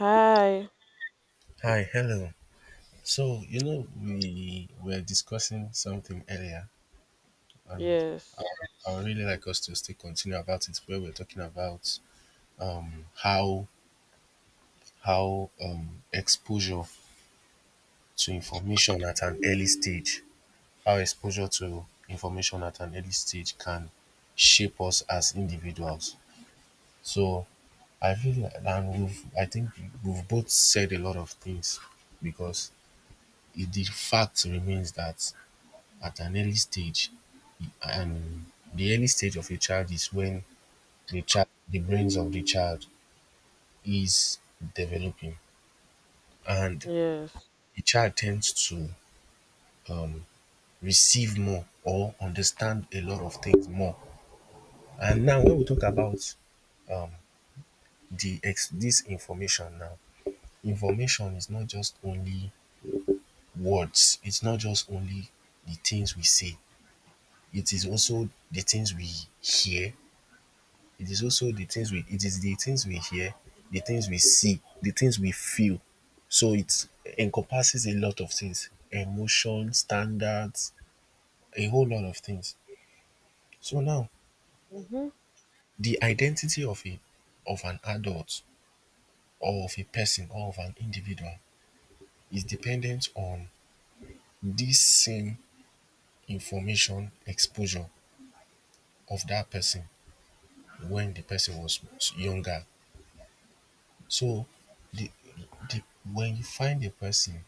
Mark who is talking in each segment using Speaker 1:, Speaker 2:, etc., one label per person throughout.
Speaker 1: Hi.
Speaker 2: Hi, hello. So, we were discussing something earlier, and I,
Speaker 1: Yes.
Speaker 2: I would really like us to still continue about it, where we're talking about um, how how exposure to information at an early stage, how exposure to information at an early stage can shape us as individuals. So, I feel like, and we've, I think we've both said a lot of things because the fact remains that at an early stage and the early stage of a child is when the brains of the child is developing and
Speaker 1: Yes.
Speaker 2: the child tends to um, receive more or understand a lot of things more. And now when we talk about this information, now, information is not just only words, it's not just only the things we say, it is also the things we hear, it is the things we hear, the things we see, the things we feel. So it encompasses a lot of things, emotion, standards, a whole lot of things. So now
Speaker 1: Mm-hmm.
Speaker 2: the identity of a of an adult, or of a person, or of an individual, is dependent on this same information exposure of that person when the person was younger. So the, the when you find a person,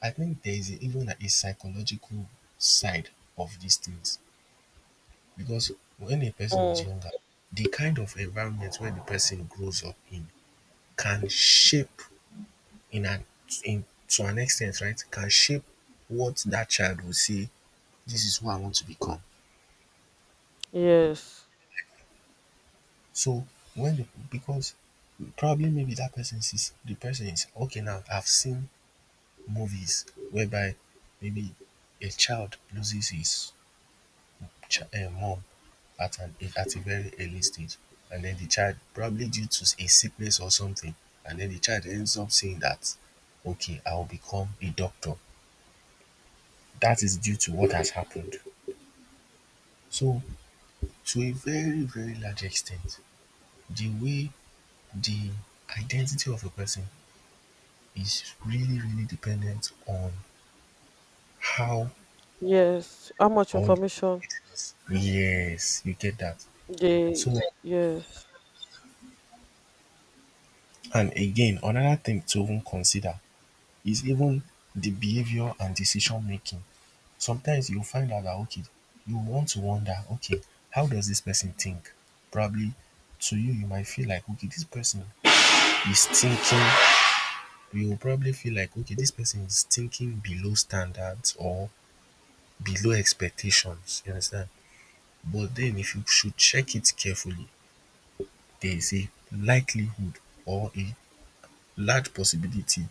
Speaker 2: I think there is a, even like a psychological side of these things. Because when a person is
Speaker 1: Mm.
Speaker 2: younger, the kind of environment where the person grows up in can shape in an in to an extent, right? Can shape what that child will say: this is who I want to become.
Speaker 1: Yes.
Speaker 2: So because probably maybe that person sees the person is okay now. I've seen movies whereby maybe a child loses his mom at a very early stage, and then the child, probably due to a sickness or something, and then the child ends up saying that, okay, I'll become a doctor. That is due to what has happened. So, to a very very large extent, the way the identity of a person is really really dependent on how,
Speaker 1: Yes. How much
Speaker 2: or
Speaker 1: information?
Speaker 2: yes, you get that.
Speaker 1: They
Speaker 2: So,
Speaker 1: yes.
Speaker 2: and again, another thing to even consider is even the behavior and decision making. Sometimes you'll find out that, okay, you want to wonder, okay, how does this person think? Probably to you, you might feel like, okay, this person is thinking. You will probably feel like, okay, this person is thinking below standards or below expectations. You understand? But then if you should check it carefully, there is a likelihood or a large possibility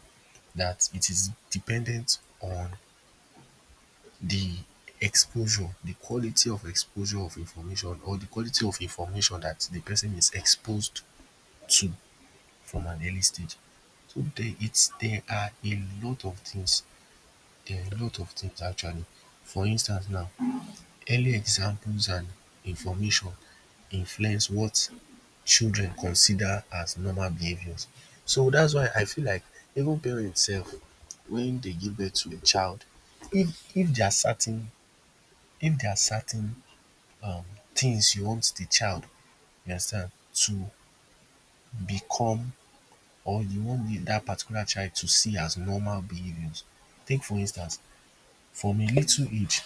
Speaker 2: that it is dependent on the the quality of exposure of information, or the quality of information that the person is exposed to from an early stage. So there are a lot of things. There are a lot of things actually. For instance, now, early examples and information influence what children consider as normal behaviors. So that's why I feel like even parents sef, when they give birth to a child, if there are certain if there are certain um things you want the child, you understand, to become, or you want that particular child to see as normal behaviors. Take for instance, from a little age,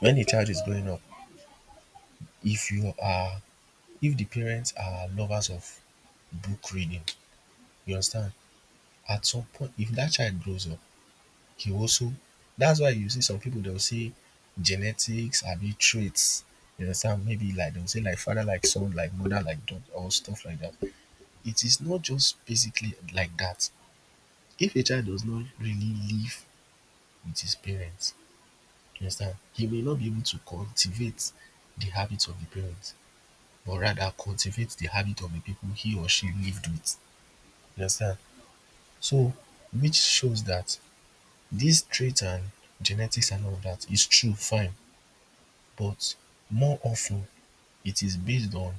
Speaker 2: when a child is growing up, if you are if the parents are lovers of book reading, you understand, at some point if that child grows up, he also that's why you see some people, they will say genetics abi traits, you understand, maybe like they will say like father like son, like mother like daughter, or stuff like that. It is not just basically like that. If a child does not really live with his parents, you understand, he may not be able to cultivate the habits of the parents, but rather cultivate the habit of the people he or she lived with. You understand? So, which shows that this trait and genetics and all of that is true, fine. But more often, it is based on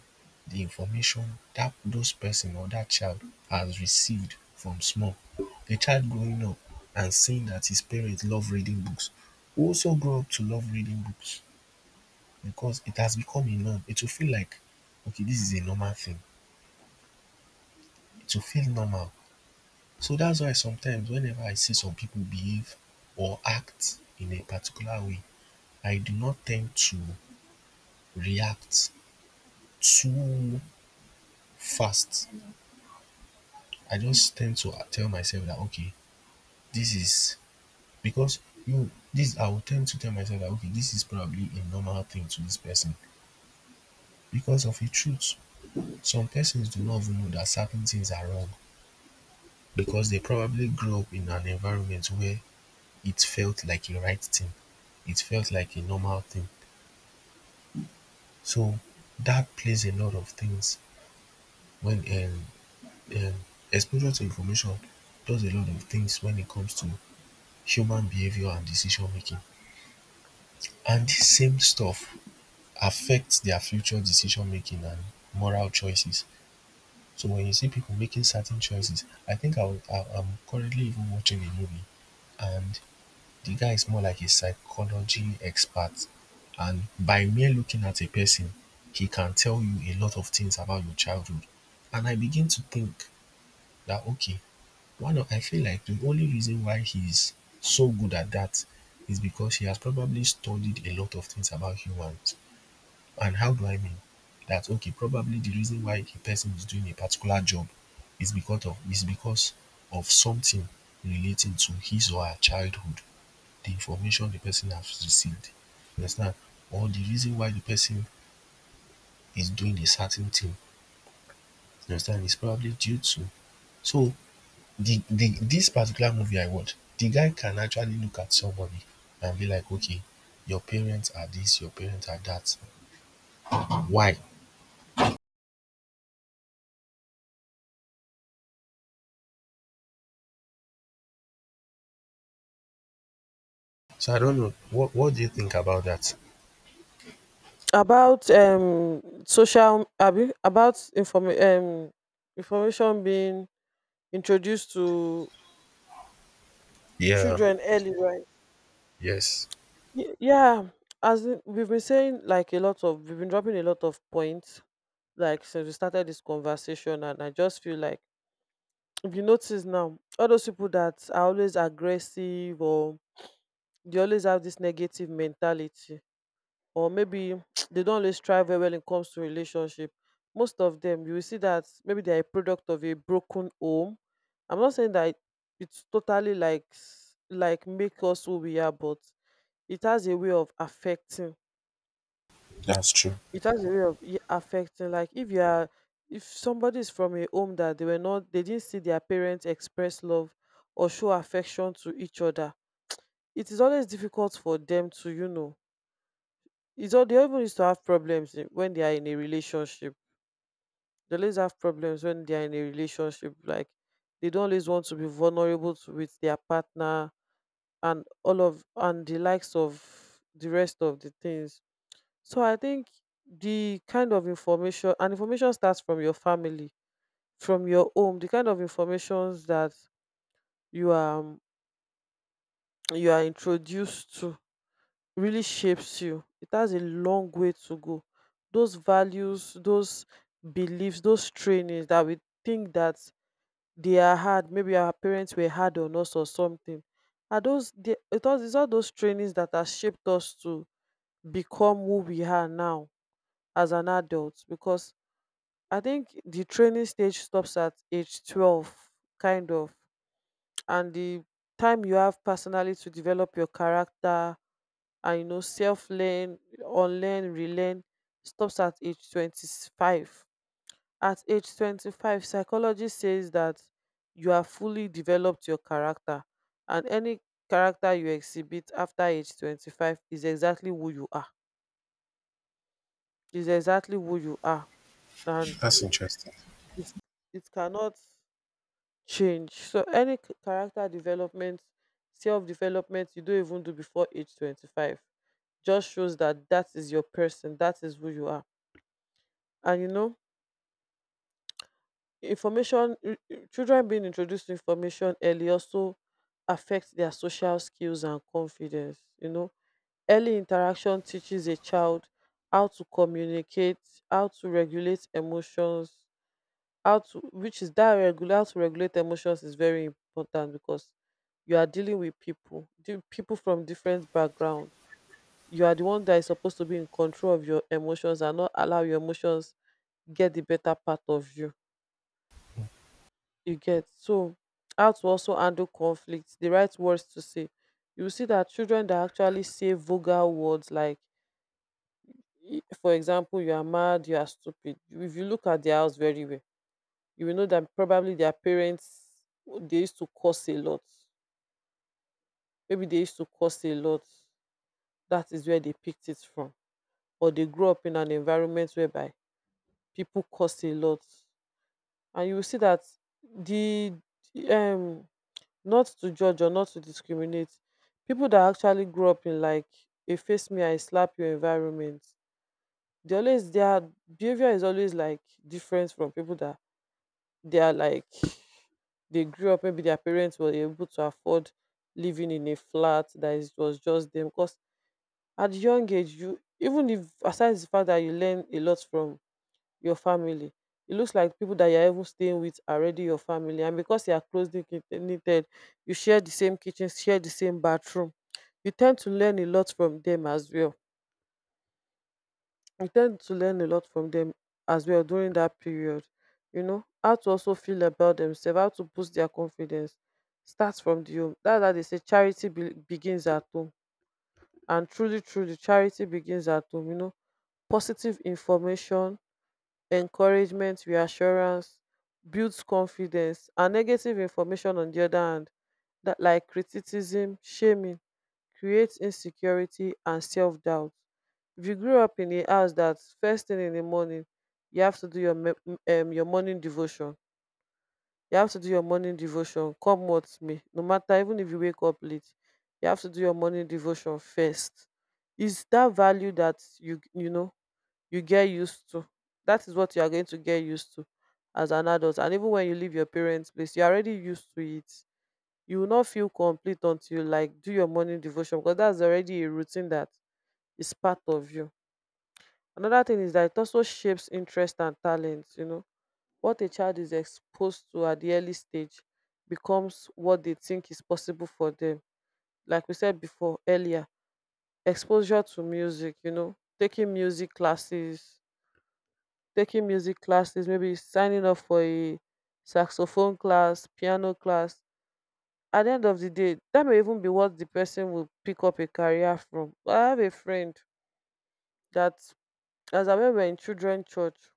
Speaker 2: the information that those person or that child has received from small. A child growing up and seeing that his parents love reading books will also grow up to love reading books because it has become a norm. It will feel like, okay, this is a normal thing. It will feel normal. So that's why sometimes whenever I see some people behave or act in a particular way, I do not tend to react too fast. I just tend to tell myself that, okay, this is because you this I will tend to tell myself that, okay, this is probably a normal thing to this person. Because of the truth, some persons do not even know that certain things are wrong because they probably grew up in an environment where it felt like a right thing, it felt like a normal thing. So that plays a lot of things. When um, exposure to information does a lot of things when it comes to human behavior and decision making, and dis same stuff affects their future decision making and moral choices. So when you see people making certain choices, I think I'm currently even watching a movie, and the guy is more like a psychology expert, and by mere looking at a person he can tell you a lot of things about your childhood. And I begin to think that, okay, one of I feel like the only reason why he's so good at that is because he has probably studied a lot of things about humans. And how do I mean? That, okay, probably the reason why a person is doing a particular job is because of something relating to his or her childhood, the information the person has received. You understand? Or the reason why the person is doing a certain thing, you understand, is probably due to, so the this particular movie I watched, the guy can actually look at somebody and be like, okay, your parents are this, your parents are that. Why? So I don't know. What do you think about that?
Speaker 1: About social abi about information being introduced to
Speaker 2: Yeah,
Speaker 1: children early, right?
Speaker 2: yes,
Speaker 1: Yeah. As in, we've been saying like a lot of we've been dropping a lot of points like since we started this conversation, and I just feel like if you notice now, all those people that are always aggressive, or they always have this negative mentality, or maybe they don't always try very well when it comes to relationship, most of them you will see that maybe they are a product of a broken home. I'm not saying that it's totally like like make us who we are, but it has a way of affecting,
Speaker 2: that's true.
Speaker 1: it has a way of affecting. Like if you are, if somebody is from a home that they were not, they didn't see their parents express love or show affection to each other, it is always difficult for them to, you know, it's all, they always used to have problems when they are in a relationship, they always have problems when they are in a relationship. Like they don't always want to be vulnerable to, with their partner and all of, and the likes of the rest of the things. So I think the kind of information, and information starts from your family, from your home, the kind of informations that you are um, you are introduced to really shapes you. It has a long way to go. Those values, those beliefs, those trainings that we think that they are hard, maybe our parents were hard on us or something. Are those the, it all, it's all those trainings that have shaped us to become who we are now as an adult. Because I think the training stage stops at age 12, kind of, and the time you have personally to develop your character and, you know, self learn, unlearn, relearn stops at age 25. At age 25, psychology says that you have fully developed your character, and any character you exhibit after age 25 is exactly who you are. Is exactly who you are, and
Speaker 2: That's interesting.
Speaker 1: it it cannot change. So any character development, self development you don't even do before age 25 just shows that that is your person, that is who you are. And you know, information, children being introduced to information early also affects their social skills and confidence. You know, early interaction teaches a child how to communicate, how to regulate emotions, how to, which is that regular, how to regulate emotions is very important because you are dealing with people people from different background. You are the one that is supposed to be in control of your emotions and not allow your emotions get the better part of you, you get? So how to also handle conflict, the right words to say. You will see that children that actually say vulgar words like, for example, you are mad, you are stupid, if you look at their house very well, you will know that probably their parents, they used to curse a lot, maybe they used to curse a lot. That is where they picked it from, or they grew up in an environment whereby people curse a lot. And you will see that the um not to judge or not to discriminate, people that actually grew up in like a face me I slap your environment, they always, their behavior is always like different from people that they are like, they grew up, maybe their parents were able to afford living in a flat that is, was just them. Because at young age, you, even if, aside the fact that you learn a lot from your family, it looks like people that you're even staying with are already your family, and because you are closely knitted, you share the same kitchen, share the same bathroom, you tend to learn a lot from them as well. We tend to learn a lot from them as well during that period. You know, how to also feel about themselves, how to boost their confidence starts from the home. That's how they say charity begins at home. And truly, truly, charity begins at home. You know, positive information, encouragement, reassurance builds confidence, and negative information on the other hand, that like criticism, shaming, creates insecurity and self-doubt. If you grew up in a house that first thing in the morning, you have to do your your morning devotion. You have to do your morning devotion. Come what may, no matter, even if you wake up late, you have to do your morning devotion first. Is that value that you know, you get used to? That is what you are going to get used to as an adult, and even when you leave your parents' place, you are already used to it. You will not feel complete until you like do your morning devotion, because that's already a routine that is part of you. Another thing is that it also shapes interest and talents. You know, what a child is exposed to at the early stage becomes what they think is possible for them. Like we said before, earlier, exposure to music, you know, taking music classes, maybe signing up for a saxophone class, piano class, at the end of the day that may even be what the person will pick up a career from. I have a friend that, as I when we were in children church,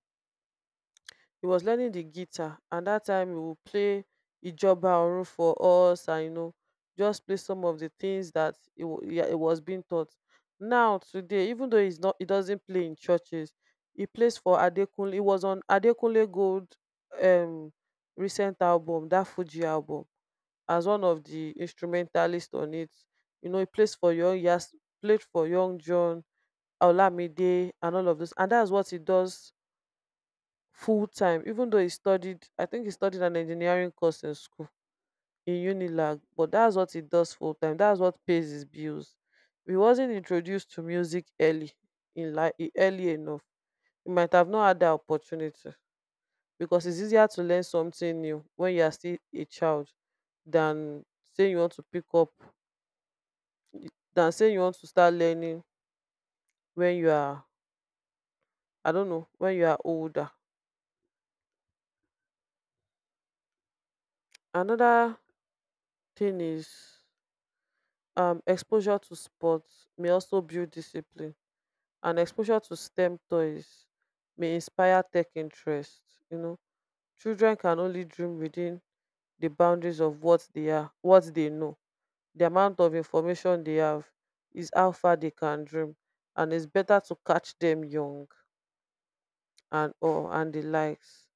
Speaker 1: he was learning the guitar, and that time he would play Ijoba Orun for us, and you know, just play some of the things that he, wa- he was being taught. Now today, even though he's not, he doesn't play in churches, he plays for Adekunle, he was on Adekunle Gold um recent album, that Fuji album, as one of the instrumentalists on it. You know, he plays for Young Yas, played for Young John, Olamide, and all of this. And that's what he does full time, even though he studied, I think he studied an engineering course in school in Unilag, but that's what he does full time. That's what pays his bills. If he wasn't introduced to music early in life, early enough, he might have not had the opportunity, because it's easier to learn something new when you are still a child than saying you want to pick up, than say you want to start learning when you are, I don't know, when you are older. Another thing is, exposure to sports may also build discipline, and exposure to STEM toys may inspire tech interest. You know, children can only dream within the boundaries of what they are, what they know. The amount of information they have is how far they can dream, and it's better to catch them young and, or and the likes.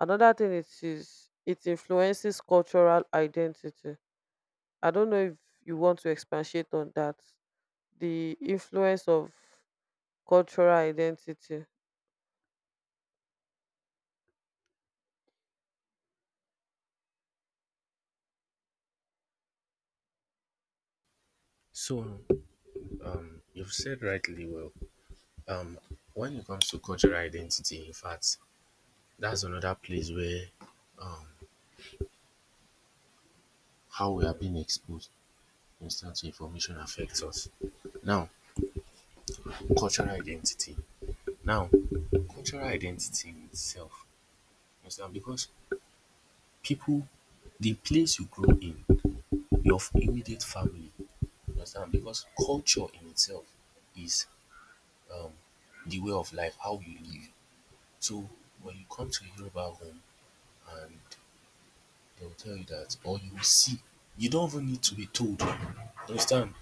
Speaker 1: Another thing, it is, it influences cultural identity. I don't know if you want to expatiate on that. The influence of cultural identity.
Speaker 2: So, you've said rightly well. Um, when it comes to cultural identity, in fact, that's another place where um, how we are being exposed constant to information affects us. Now, cultural identity. Now, cultural identity itself, you understand? Because people, the place you grow in, your immediate family, you understand? Because culture in itself is um, the way of life, how you live. So when you come to a Yoruba home and they'll tell you that, or you will see, you don't even need to be told. You understand?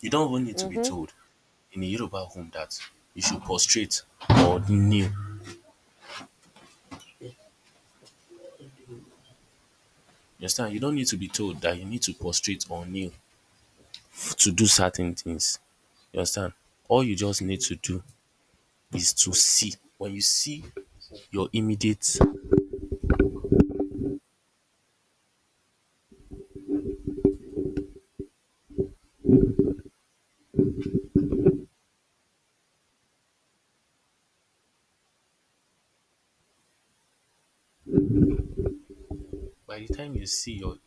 Speaker 2: You don't even need to be
Speaker 1: Mm-hmm.
Speaker 2: told in a Yoruba home that you should prostrate or kneel. You understand? You don't need to be told that you need to prostrate or kneel to do certain things. You understand? All you just need to do is to see. When you see your immediate, by the time you see your